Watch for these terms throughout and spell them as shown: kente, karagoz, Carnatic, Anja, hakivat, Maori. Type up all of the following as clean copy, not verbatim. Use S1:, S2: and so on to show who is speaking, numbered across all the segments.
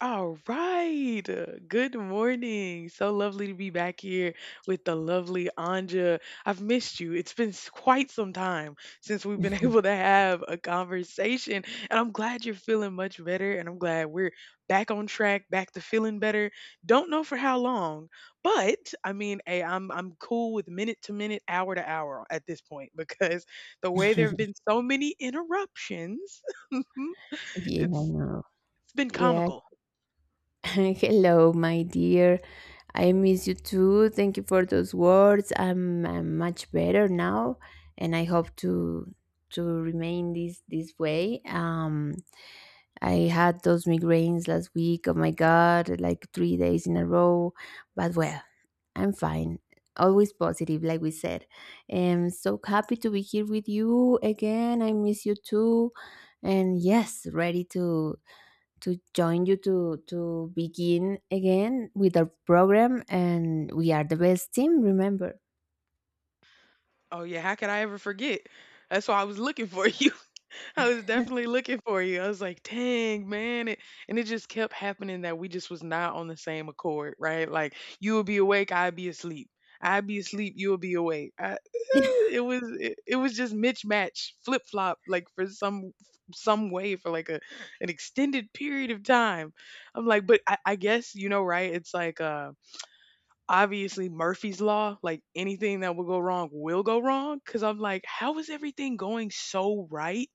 S1: All right. Good morning. So lovely to be back here with the lovely Anja. I've missed you. It's been quite some time since we've been able to have a conversation. And I'm glad you're feeling much better. And I'm glad we're back on track, back to feeling better. Don't know for how long, but I mean, hey, I'm cool with minute to minute, hour to hour at this point because the way there have been so many interruptions,
S2: Yeah,
S1: it's
S2: no.
S1: it's been
S2: Yeah.
S1: comical.
S2: Hello, my dear. I miss you too. Thank you for those words. I'm much better now, and I hope to remain this way. I had those migraines last week. Oh my God, like 3 days in a row. But well, I'm fine. Always positive, like we said. I'm so happy to be here with you again. I miss you too. And yes, ready to join you to begin again with our program. And we are the best team. Remember.
S1: Oh yeah, how could I ever forget? That's why I was looking for you. I was definitely looking for you. I was like, dang, man. And it just kept happening that we just was not on the same accord, right? Like you would be awake, I'd be asleep. I'd be asleep, you would be awake. I, it was just mismatch, flip flop, like for some way for like a an extended period of time. I'm like, but I guess you know, right? It's like obviously Murphy's law, like anything that will go wrong will go wrong. Cause I'm like, how is everything going so right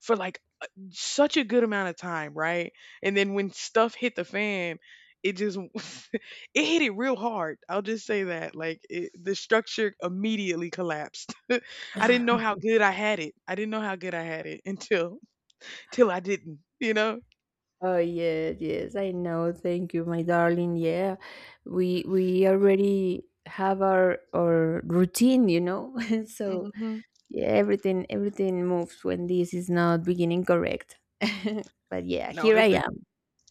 S1: for like such a good amount of time, right? And then when stuff hit the fan, it just it hit it real hard. I'll just say that. The structure immediately collapsed. I didn't know how good I had it. I didn't know how good I had it until till I didn't, you know?
S2: Oh yes, yes, I know. Thank you, my darling. Yeah, we already have our routine. So
S1: Hmm.
S2: yeah, everything moves when this is not beginning correct. But yeah,
S1: No,
S2: here
S1: it,
S2: I am.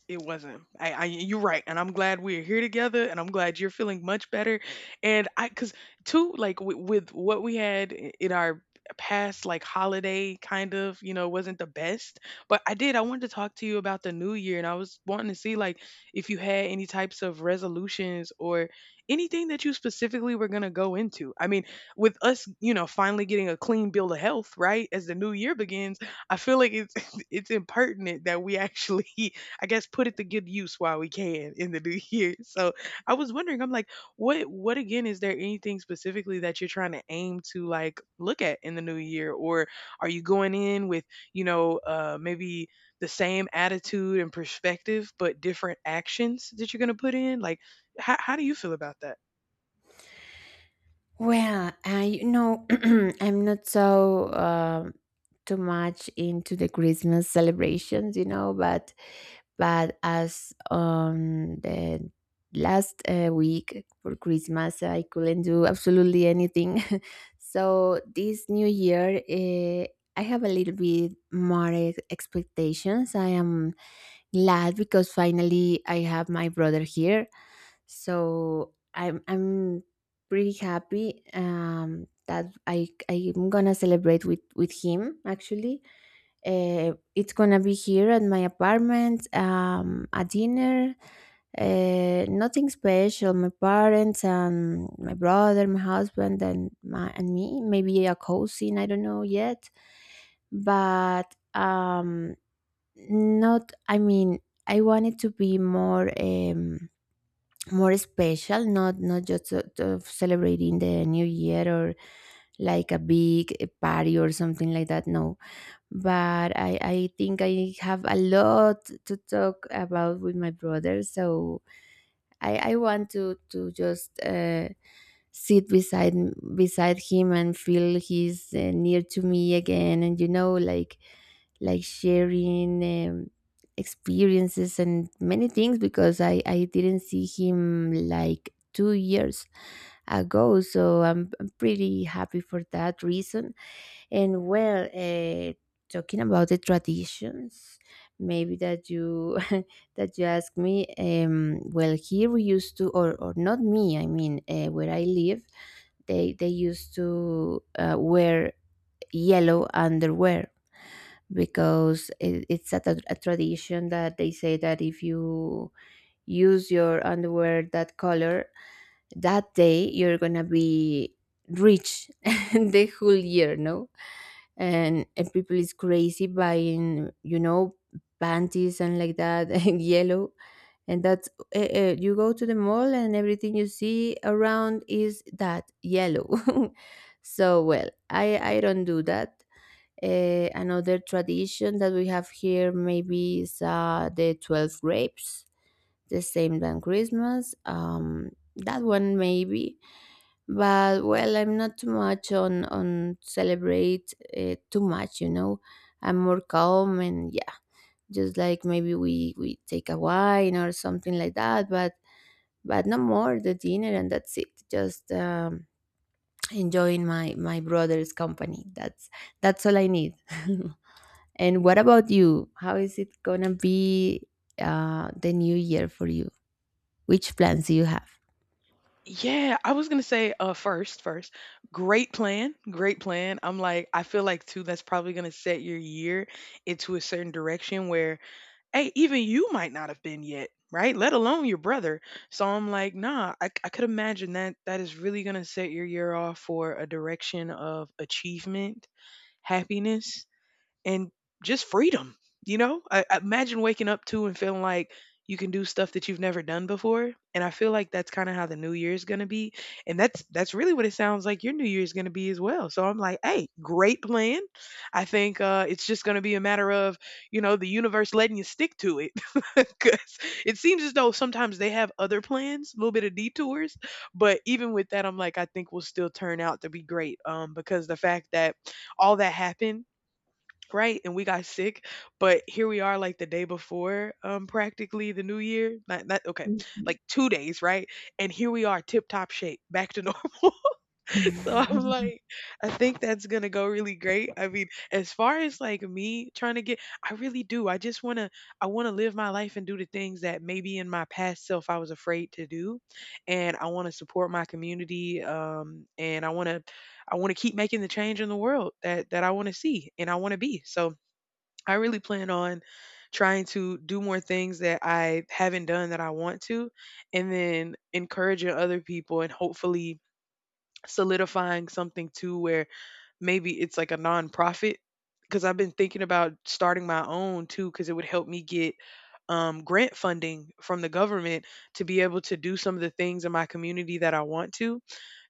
S1: It wasn't. You're right, and I'm glad we're here together, and I'm glad you're feeling much better. And I, cause too, like with what we had in our past, like holiday kind of, you know, wasn't the best. But I did. I wanted to talk to you about the new year, and I was wanting to see like if you had any types of resolutions or anything that you specifically were gonna go into. I mean, with us, you know, finally getting a clean bill of health, right, as the new year begins, I feel like it's it's impertinent that we actually I guess put it to good use while we can in the new year. So I was wondering, I'm like, what again is there anything specifically that you're trying to aim to like look at in the new year? Or are you going in with, you know, maybe the same attitude and perspective but different actions that you're gonna put in? Like how do you feel about that?
S2: Well, I you know I'm not so too much into the Christmas celebrations, but as on the last week for Christmas, I couldn't do absolutely anything. So this new year, I have a little bit more expectations. I am glad because finally I have my brother here. So I'm pretty happy that I'm gonna celebrate with him actually. It's gonna be here at my apartment, a dinner, nothing special. My parents and my brother, my husband, and my and me. Maybe a cousin. I don't know yet, but not I mean, I want it to be more special, not just sort of celebrating the new year, or like a big party or something like that. No, but I think I have a lot to talk about with my brother. So I want to just sit beside beside him and feel he's near to me again. And like sharing experiences and many things, because I didn't see him like 2 years ago, so I'm pretty happy for that reason. And well, talking about the traditions, maybe that you that you ask me. Well, here we used to, or not me. I mean, where I live, they used to wear yellow underwear, because it's a tradition that they say that if you use your underwear that color that day, you're gonna be rich the whole year. No, and people is crazy buying, panties and like that, and yellow. And that's you go to the mall and everything you see around is that yellow. So well, I don't do that. Another tradition that we have here maybe is the 12 grapes, the same than Christmas. That one maybe. But well, I'm not too much on celebrate, too much, I'm more calm. And yeah, just like maybe we take a wine or something like that, but no more, the dinner, and that's it. Just enjoying my brother's company. That's all I need. And what about you? How is it gonna be the new year for you? Which plans do you have?
S1: Yeah, I was gonna say first, great plan, great plan. I'm like, I feel like too that's probably gonna set your year into a certain direction where hey, even you might not have been yet, right? Let alone your brother. So I'm like, nah, I could imagine that that is really going to set your year off for a direction of achievement, happiness, and just freedom. You know, I imagine waking up to and feeling like you can do stuff that you've never done before. And I feel like that's kind of how the new year's going to be. And that's really what it sounds like your new year's going to be as well. So I'm like, hey, great plan. I think it's just going to be a matter of, you know, the universe letting you stick to it. Because it seems as though sometimes they have other plans, a little bit of detours. But even with that, I'm like, I think we'll still turn out to be great. Because the fact that all that happened right? And we got sick, but here we are like the day before practically the new year. Not okay. Like 2 days, right? And here we are tip top shape, back to normal. So I'm like I think that's going to go really great. I mean, as far as like me trying to get I really do. I just want to I want to live my life and do the things that maybe in my past self I was afraid to do. And I want to support my community and I want to keep making the change in the world that I want to see and I want to be. So I really plan on trying to do more things that I haven't done that I want to, and then encouraging other people and hopefully solidifying something too where maybe it's like a nonprofit. Because I've been thinking about starting my own too, because it would help me get grant funding from the government to be able to do some of the things in my community that I want to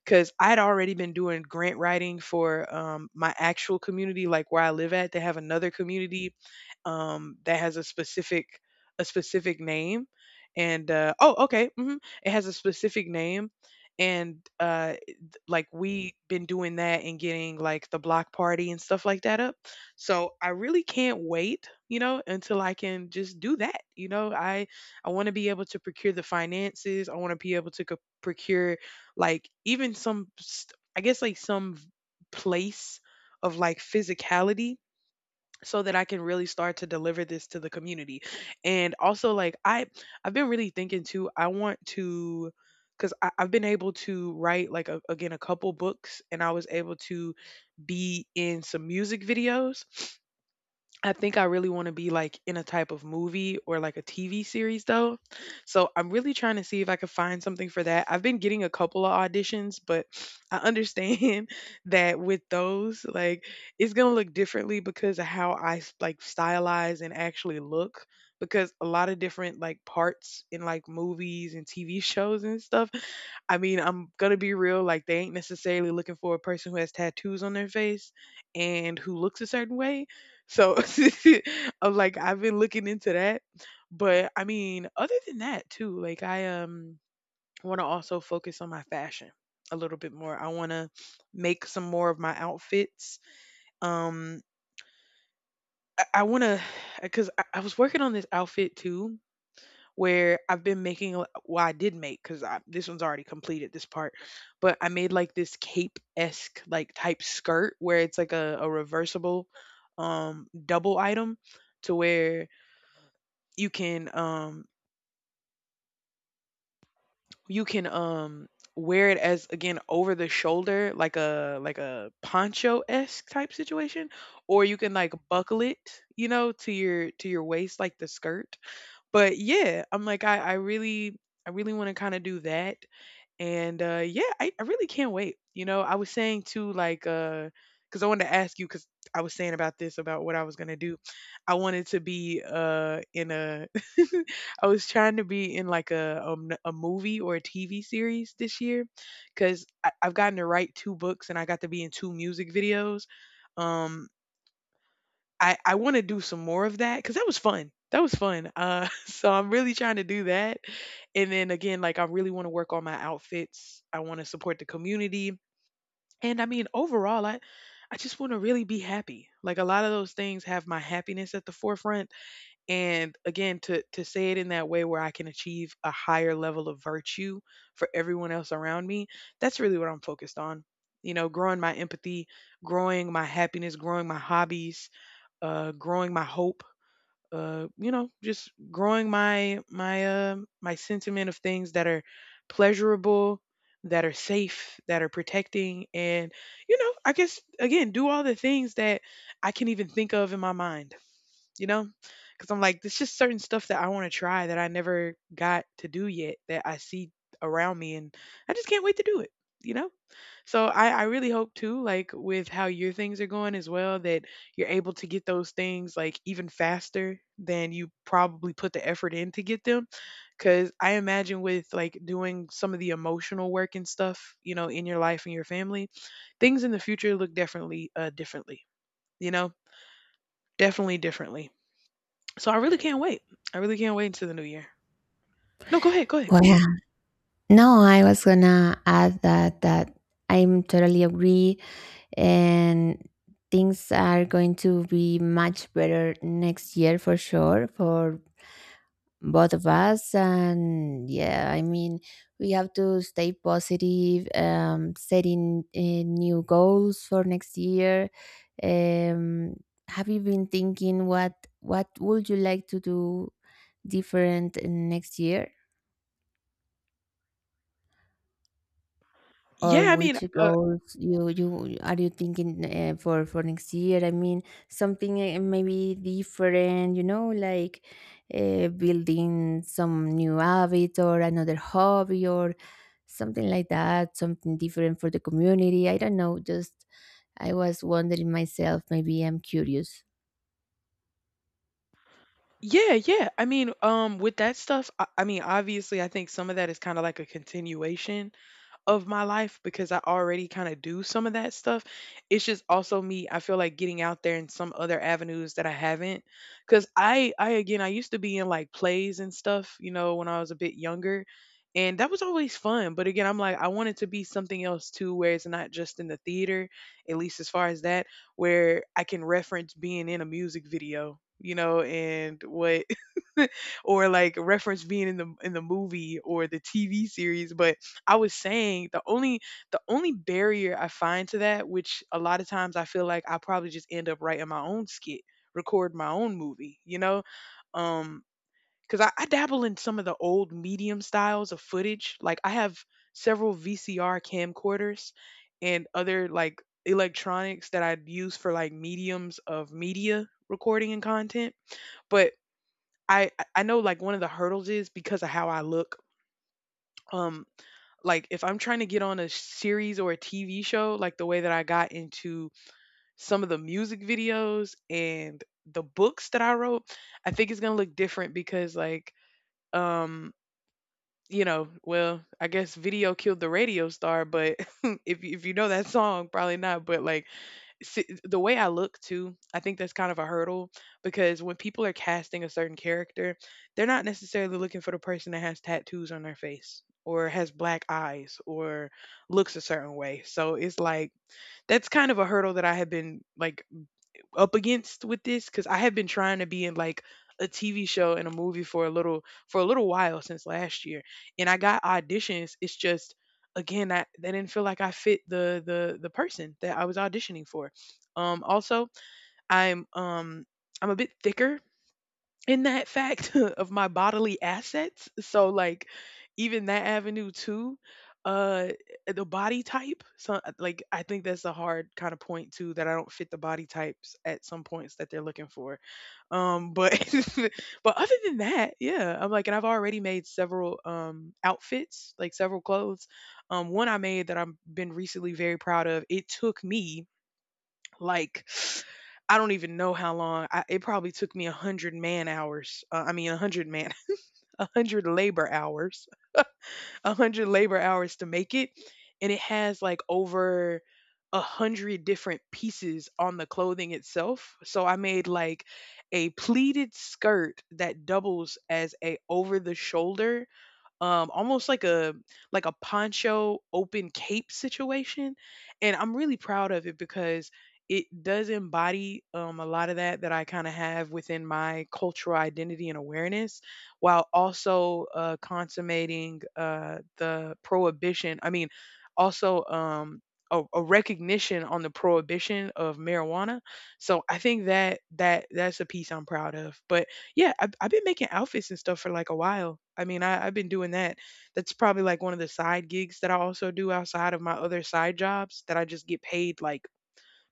S1: because I'd already been doing grant writing for my actual community, like where I live at. They have another community that has a specific name, and it has a specific name, and like we been doing that and getting like the block party and stuff like that up. So I really can't wait, you know, until I can just do that. You know, I want to be able to procure the finances. I want to be able to procure like even some I guess like some place of like physicality so that I can really start to deliver this to the community. And also like I I've been really thinking too, I want to because I've been able to write like again a couple books and I was able to be in some music videos I think I really wanna be, like, in a type of movie or, like, a TV series, though. So, I'm really trying to see if I could find something for that. I've been getting a couple of auditions, but I understand that with those, like, it's gonna look differently because of how I s like, stylize and actually look, because a lot of different, like, parts in, like, movies and TV shows and stuff, I mean, I'm gonna be real, like, they ain't necessarily looking for a person who has tattoos on their face and who looks a certain way. So I'm like I've been looking into that. But I mean, other than that too, like I want to also focus on my fashion a little bit more. I want to make some more of my outfits. Um I want to cuz I was working on this outfit too where I've been making well I did make cuz this one's already completed this part, but I made like this cape-esque like type skirt where it's like a reversible double item to where you can you can um wear it as again over the shoulder like a poncho esque type situation or you can like buckle it, you know, to your waist like the skirt. But yeah, I'm like I really I really want to kind of do that, and yeah I really can't wait. You know, I was saying too like because I wanted to ask you because I was saying about this about what I was going to do I wanted to be in a I was trying to be in like a movie or a TV series this year because I've gotten to write two books and I got to be in two music videos um I want to do some more of that because that was fun. That was fun. So I'm really trying to do that, and then again, like I really want to work on my outfits. I want to support the community, and I mean overall, I just want to really be happy. Like a lot of those things have my happiness at the forefront, and again, to say it in that way where I can achieve a higher level of virtue for everyone else around me, that's really what I'm focused on. You know, growing my empathy, growing my happiness, growing my hobbies, growing my hope, you know, just growing my my sentiment of things that are pleasurable, that are safe, that are protecting, and you know, I guess again, do all the things that I can even think of in my mind, you know, because I'm like, there's just certain stuff that I want to try that I never got to do yet that I see around me, and I just can't wait to do it, you know. So I really hope too, like with how your things are going as well, that you're able to get those things like even faster than you probably put the effort in to get them. Cause I imagine with like doing some of the emotional work and stuff, you know, in your life and your family, things in the future look definitely differently, you know? Definitely differently. So I really can't wait. I really can't wait until the new year. No, go ahead, go ahead.
S2: Well, yeah. No, I was gonna add that I'm totally agree, and things are going to be much better next year for sure for both of us. And yeah, I mean, we have to stay positive, setting new goals for next year. um have you been thinking, what would you like to do different in next year, or
S1: Yeah, I mean,
S2: which goals you you are you thinking, for next year? I mean, something maybe different, like building some new habit or another hobby or something like that, something different for the community. I don't know, just I was wondering myself, maybe I'm curious.
S1: yeah, yeah. I mean, with that stuff, I mean, obviously, I think some of that is kind of like a continuation of my life because I already kind of do some of that stuff. It's just also me, I feel like getting out there in some other avenues that I haven't. Cause I again I used to be in like plays and stuff, you know, when I was a bit younger. And that was always fun. But again, I'm like, I want it to be something else too, where it's not just in the theater, at least as far as that, where I can reference being in a music video, you know, and what or like reference being in the movie or the TV series, but I was saying the only barrier I find to that, which a lot of times I feel like I probably just end up writing my own skit, record my own movie, you know? Um, because I dabble in some of the old medium styles of footage. Like I have several VCR camcorders and other like electronics that I'd use for like mediums of media recording and content. But I know like one of the hurdles is because of how I look. Um like if I'm trying to get on a series or a TV show, like the way that I got into some of the music videos and the books that I wrote, I think it's gonna look different because like um you know, well, I guess video killed the radio star, but if if you know that song, probably not. But like see, the way I look too, I think that's kind of a hurdle because when people are casting a certain character, they're not necessarily looking for the person that has tattoos on their face or has black eyes or looks a certain way. So it's like that's kind of a hurdle that I have been like up against with this because I have been trying to be in like a TV show and a movie for a little while since last year, and I got auditions. It's just again, I they didn't feel like I fit the person that I was auditioning for. Also, I'm um I'm a bit thicker in that fact of my bodily assets. So like even that avenue too, uh the body type. So like I think that's a hard kind of point too that I don't fit the body types at some points that they're looking for. But but other than that, yeah, I'm like and I've already made several outfits, like several clothes. One I made that I've been recently very proud of. It took me like, I don't even know how long. It probably took me a hundred-man hours. I mean, a hundred man, a hundred labor hours, a hundred labor hours to make it, and it has like over a hundred different pieces on the clothing itself. So I made like a pleated skirt that doubles as a over the shoulder almost like a poncho open cape situation, and I'm really proud of it because it does embody a lot of that I kind of have within my cultural identity and awareness, while also consummating the prohibition, I mean, also a recognition on the prohibition of marijuana. So I think that that's a piece I'm proud of. But yeah, I've been making outfits and stuff for like a while. I mean, I've been doing that. That's probably like one of the side gigs that I also do outside of my other side jobs that I just get paid like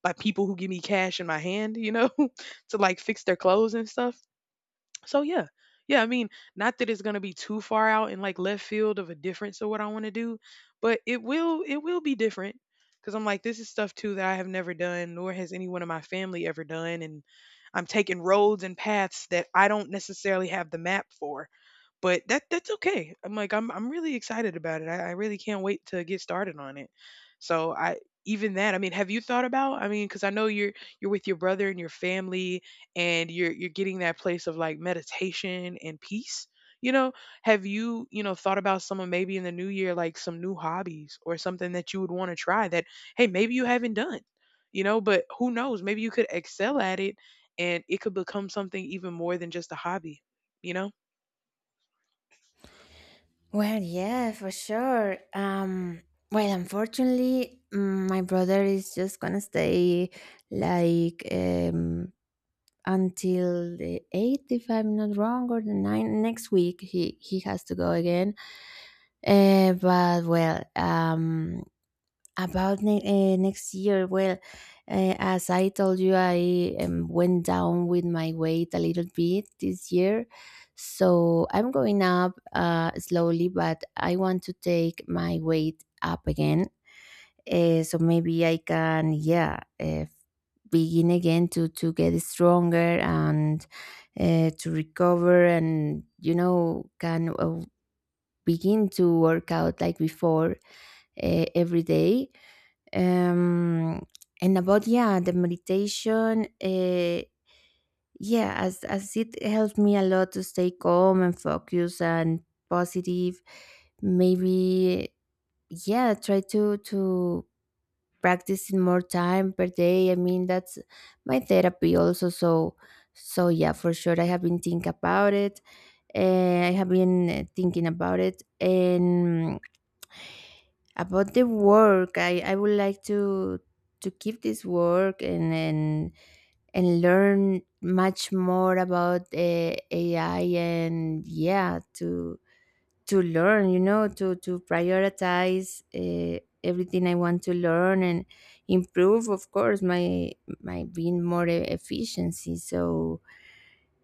S1: by people who give me cash in my hand, you know, to like fix their clothes and stuff. So yeah. Yeah, I mean, not that it's gonna be too far out in like left field of a difference of what I want to do, but it will be different because I'm like, this is stuff too that I have never done, nor has anyone in my family ever done, and I'm taking roads and paths that I don't necessarily have the map for. But that's okay. I'm like I'm really excited about it. I really can't wait to get started on it. So I even that, I mean, have you thought about? I mean, because I know you're with your brother and your family, and you're getting that place of like meditation and peace. You know, have you you know thought about someone maybe in the new year like some new hobbies or something that you would want to try that hey maybe you haven't done, you know, but who knows? Maybe you could excel at it and it could become something even more than just a hobby, you know?
S2: Well, yeah, for sure. Well, unfortunately, my brother is just gonna stay like, until the 8th, if I'm not wrong, or the 9th next week. He has to go again. But well, about next year, well, as I told you, I went down with my weight a little bit this year. So I'm going up, slowly, but I want to take my weight up again. So maybe I can, yeah, begin again to get stronger and, to recover. And can, begin to work out like before, every day. Um, and about, yeah, the meditation. Yeah, as it helped me a lot to stay calm and focused and positive. Maybe yeah, try to practicing more time per day. I mean, that's my therapy also. So, yeah, for sure, I have been thinking about it. Uh, I have been, thinking about it, and about the work. I would like to keep this work, and learn much more about, AI, and yeah, to learn, to prioritize, everything I want to learn, and improve, of course, my being more efficiency. So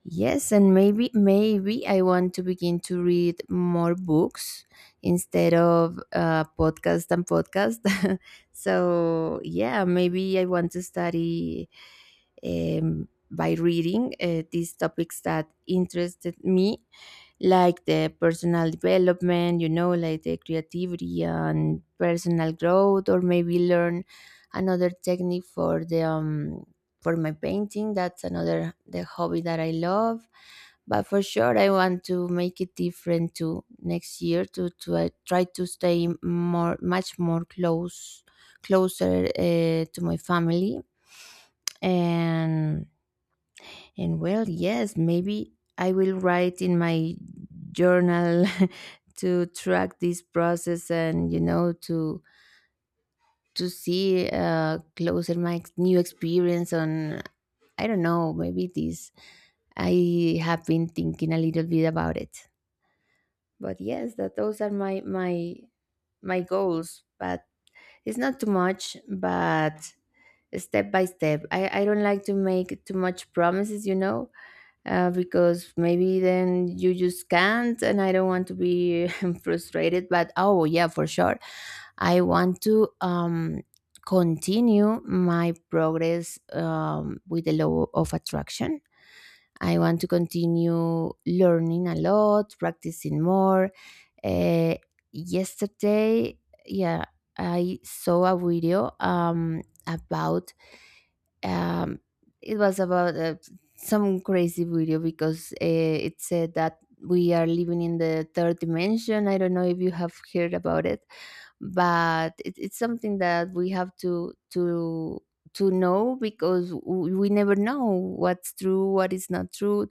S2: yes, and maybe I want to begin to read more books instead of, podcast and podcast. So yeah, maybe I want to study, by reading, these topics that interested me, like the personal development, like the creativity and personal growth, or maybe learn another technique for the, for my painting. That's another, the hobby that I love. But for sure, I want to make it different to next year, to try to stay more much more close closer, to my family, and and well, yes, maybe I will write in my journal to track this process. And to see, closer my new experience on, I don't know, maybe this. I have been thinking a little bit about it. But yes, that those are my goals. But it's not too much, but step by step. I don't like to make too much promises, because maybe then you just can't, and I don't want to be frustrated. But oh yeah, for sure, I want to, continue my progress, with the law of attraction. I want to continue learning a lot, practicing more, uh, yesterday, yeah, I saw a video, about, um, it was about, some crazy video, because, it said that we are living in the third dimension. I don't know if you have heard about it, but it's something that we have to know, because we never know what's true, what is not true.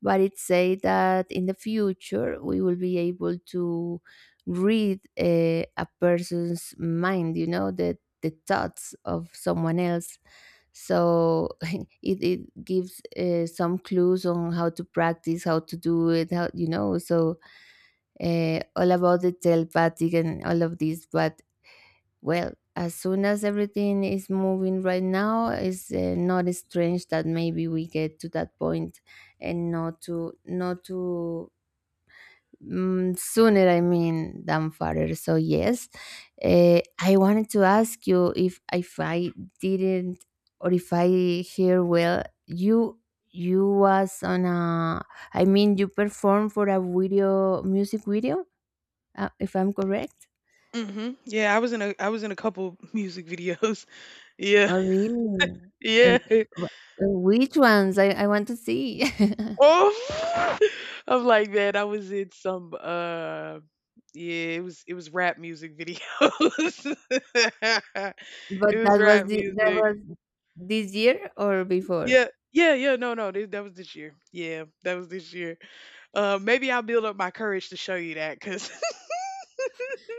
S2: But it said that in the future we will be able to read, a person's mind. You know, the thoughts of someone else. So it gives, some clues on how to practice, how to do it, how, so, all about the telepathic and all of this. But well, as soon as everything is moving right now, it's, not strange that maybe we get to that point. And not to not to mm, sooner, I mean, than farther. So yes, I wanted to ask you if I didn't, or if I hear well, you was on a, I mean you performed for a video music video, if I'm correct.
S1: Mhm. Yeah, I was in a I was in a couple music videos. Yeah.
S2: Oh really?
S1: Yeah.
S2: And, uh, which ones? I want to see.
S1: Oh. I'm like, man, I was in some yeah, it was rap music videos.
S2: But
S1: It was
S2: that was
S1: rap
S2: the, that
S1: music.
S2: was this year or before?
S1: Yeah, yeah, yeah. No, no, This, that was this year. Yeah, that was this year. Maybe I'll build up my courage to show you that, cause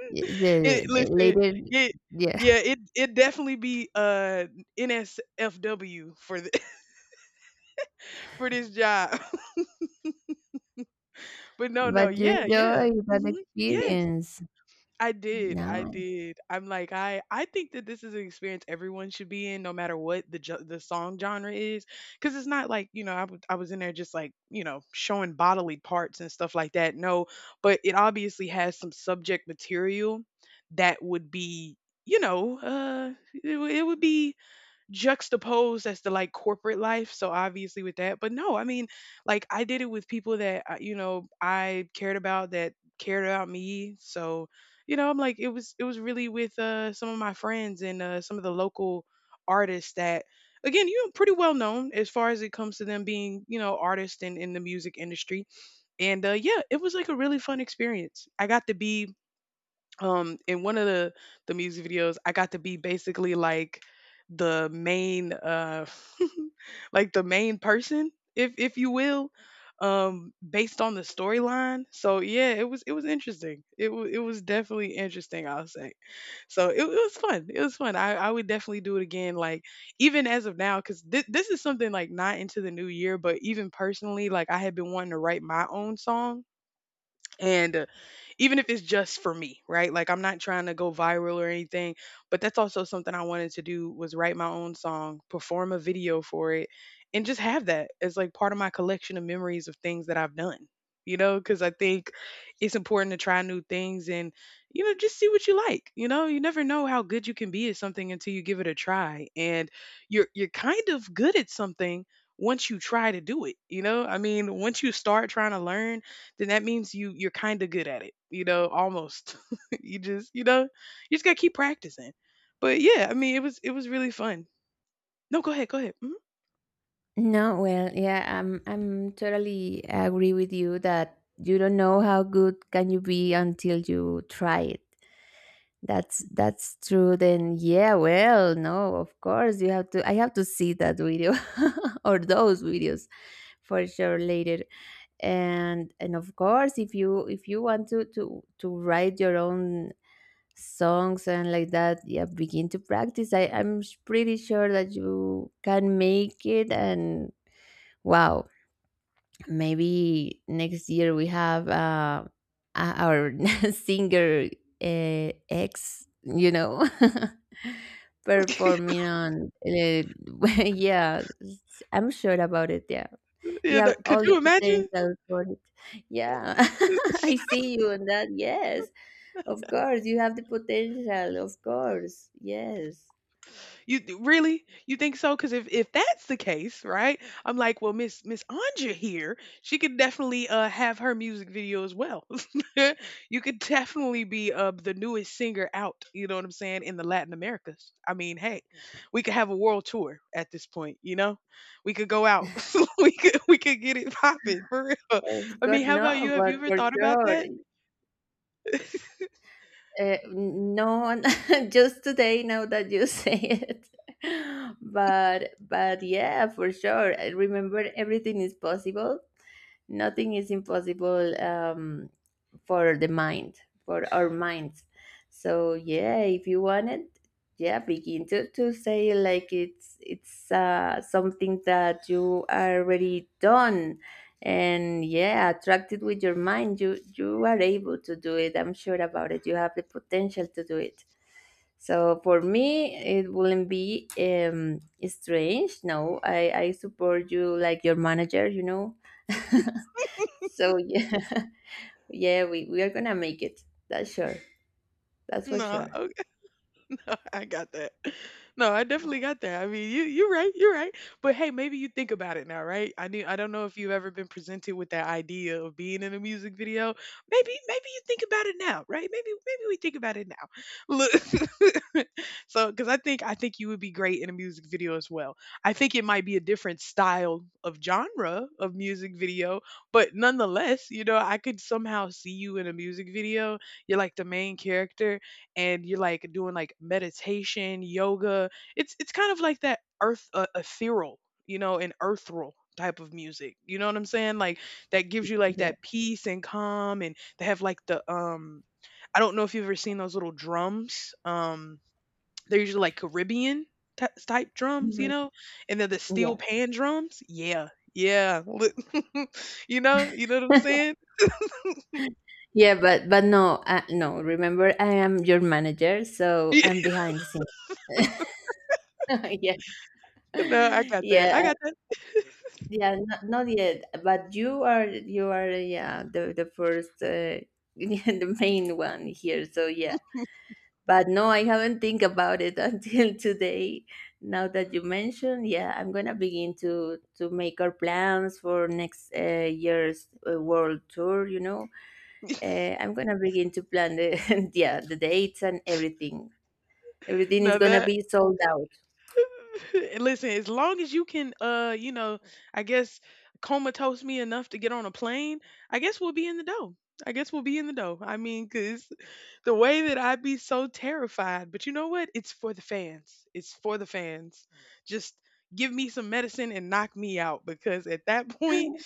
S2: The
S1: it.
S2: the
S1: Listen,
S2: later?
S1: it.
S2: Yeah.
S1: Yeah, it definitely be NSFW for the, for this job. But no, no,
S2: But you
S1: yeah,
S2: enjoy that
S1: hmm, yes.
S2: experience?
S1: I did, I
S2: Nice.
S1: did. I'm like, I think that this is an experience everyone should be in, no matter what the song genre is, because it's not like you know I was in there just like you know showing bodily parts and stuff like that. No, but it obviously has some subject material that would be you know it would be juxtaposed as the like corporate life. So obviously with that, but no, I mean, like I did it with people that you know I cared about that cared about me. So you know, I'm like it was really with some of my friends and some of the local artists that again you know pretty well known as far as it comes to them being you know artists in the music industry. And yeah, it was like a really fun experience. I got to be in one of the music videos, I got to be basically like the main like the main person if you will, based on the storyline. So yeah, it was interesting it was definitely interesting, I'll say. So it was fun, it was fun. I would definitely do it again. Like even as of now, because this is something like not into the new year, but even personally, like I had been wanting to write my own song and even if it's just for me, right? Like I'm not trying to go viral or anything, but that's also something I wanted to do was write my own song, perform a video for it, and just have that as like part of my collection of memories of things that I've done. You know, because I think it's important to try new things and, you know, just see what you like. You know, you never know how good you can be at something until you give it a try. And you're kind of good at something once you try to do it. You know, I mean, once you start trying to learn, then that means you're kind of good at it, you know, almost. You just, you know, you just got to keep practicing. But yeah, I mean, it was really fun. No, go ahead, go ahead. Mhm.
S2: No, well, yeah, I'm totally agree with you that you don't know how good can you be until you try it. That's true. Then yeah, well, no, of course you have to. I have to see that video or those videos for sure later. And of course, if you want to write your own songs and like that, yeah, begin to practice. I'm pretty sure that you can make it. And wow, maybe next year we have, our singer, ex you know performing on, yeah, I'm sure about it. Yeah, you
S1: Yeah,
S2: have
S1: that- could
S2: all the
S1: you imagine?
S2: potential for it. Yeah, I see you on that. Yes. Of course, you have the potential. Of course, yes.
S1: You really? You think so? Because if that's the case, right? I'm like, well, Miss Anja here, she could definitely have her music video as well. You could definitely be the newest singer out. You know what I'm saying in the Latin Americas. I mean, hey, we could have a world tour at this point. You know, we could go out. We could get it popping for real.
S2: Of
S1: I mean,
S2: God,
S1: how about
S2: no,
S1: you? Have you
S2: but
S1: ever
S2: for
S1: thought about
S2: sure.
S1: that?
S2: Uh, no, one- just today. Now that you say it, but yeah, for sure. I Remember, everything is possible. Nothing is impossible, for the mind, for our minds. So yeah, if you want it, yeah, begin to say, like it's, something that you already done. And yeah, attract it with your mind. You are able to do it. I'm sure about it. You have the potential to do it. So for me, it wouldn't be, strange. No, I support you like your manager, so yeah. Yeah, we are gonna make it. that's sure that's for
S1: No.
S2: sure.
S1: No, I got that. No, I definitely got that. I mean, you're right, you're right. But hey, maybe you think about it now, right? I don't know if you've ever been presented with that idea of being in a music video. Maybe you think about it now, right? Maybe we think about it now. Look. Cuz I think you would be great in a music video as well. I think it might be a different style of genre of music video, but nonetheless, you know, I could somehow see you in a music video. You're like the main character, and you're like doing like meditation, yoga. It's kind of like that earth ethereal, you know, an earthral type of music. You know what I'm saying? Like that gives you like
S2: Yeah.
S1: that peace and calm, and they have like the I don't know if you've ever seen those little drums. They're usually like Caribbean type drums, you
S2: Mhm.
S1: know? And they're the steel
S2: Yeah,
S1: pan drums. Yeah. Yeah. You know what I'm saying?
S2: yeah, but no, no, remember, I am your manager, so I'm behind the scenes. Yeah,
S1: No, I got that. I
S2: yeah.
S1: got that.
S2: Yeah, not, not yet, but you are, yeah, the first, yeah, the main one here. So yeah, but no, I haven't think about it until today. Now that you mention, yeah, I'm gonna begin to make our plans for next, year's, world tour. You know, I'm gonna begin to plan the yeah, the dates and everything. Everything is
S1: No,
S2: gonna
S1: that.
S2: be sold out.
S1: Listen, as long as you can, you know, I guess comatose me enough to get on a plane, I guess we'll be in the dough. I guess we'll be in the dough. I mean, cause the way that I'd be so terrified, but you know what? It's for the fans. It's for the fans. Just give me some medicine and knock me out because at that point, I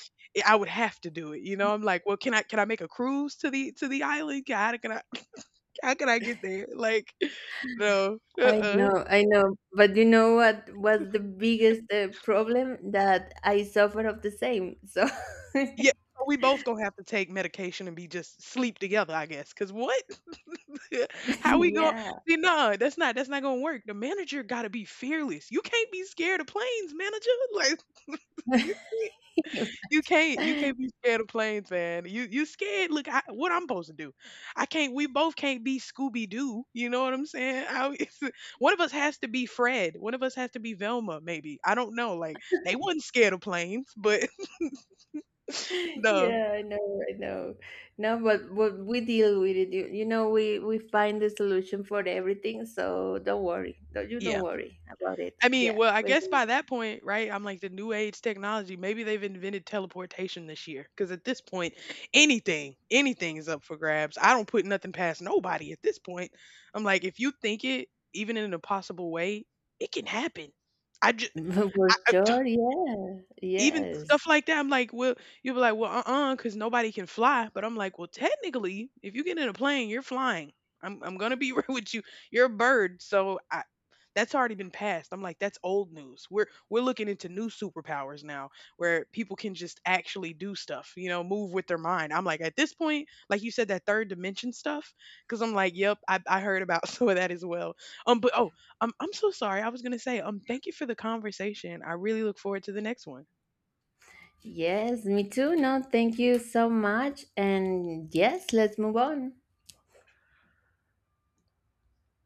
S1: I would have to do it. You know, I'm like, well, can I make a cruise to the island? Can I how can I get there? Like, no,
S2: I know, I know. But you know what was the biggest, problem? That I suffer of the same. So,
S1: Yeah, so we both gonna have to take medication and be just sleep together, I guess because what? How we gon—
S2: yeah.
S1: See, no, that's not gonna work. The manager gotta be fearless. You can't be scared of planes, manager. Like, you you can't you can't be scared of planes, man. You scared. Look, I, what I'm supposed to do? I can't. We both can't be Scooby Doo. You know what I'm saying? I, one of us has to be Fred. One of us has to be Velma. Maybe I don't know. Like they wasn't scared of planes, but no,
S2: Yeah, I know, I know. No, but we deal with it. We find the solution for everything. So don't worry. Don't, you don't
S1: yeah.
S2: worry about it.
S1: I mean,
S2: Yeah,
S1: well, I
S2: we're
S1: guess by that point, right? I'm like the new age technology. Maybe they've invented teleportation this year. Because at this point, anything, anything is up for grabs. I don't put nothing past nobody at this point. I'm like, if you think it, even in an impossible way, it can happen. I just,
S2: gonna For sure, yeah.
S1: even stuff
S2: Yes.
S1: like that, I'm like, well, you'll be like, well, uh-uh, because nobody can fly. But I'm like, well, technically, if you get in a plane, you're flying. I'm gonna be real with you. You're a bird, so I that's already been passed. I'm like, that's old news. We're looking into new superpowers now, where people can just actually do stuff, you know, move with their mind. I'm like, at this point, like you said, that third dimension stuff, because I'm like, yep, I heard about some of that as well. But oh, I'm so sorry. I was gonna say, thank you for the conversation. I really look forward to the next one.
S2: Yes, me too. No, thank you so much. And yes, let's move on.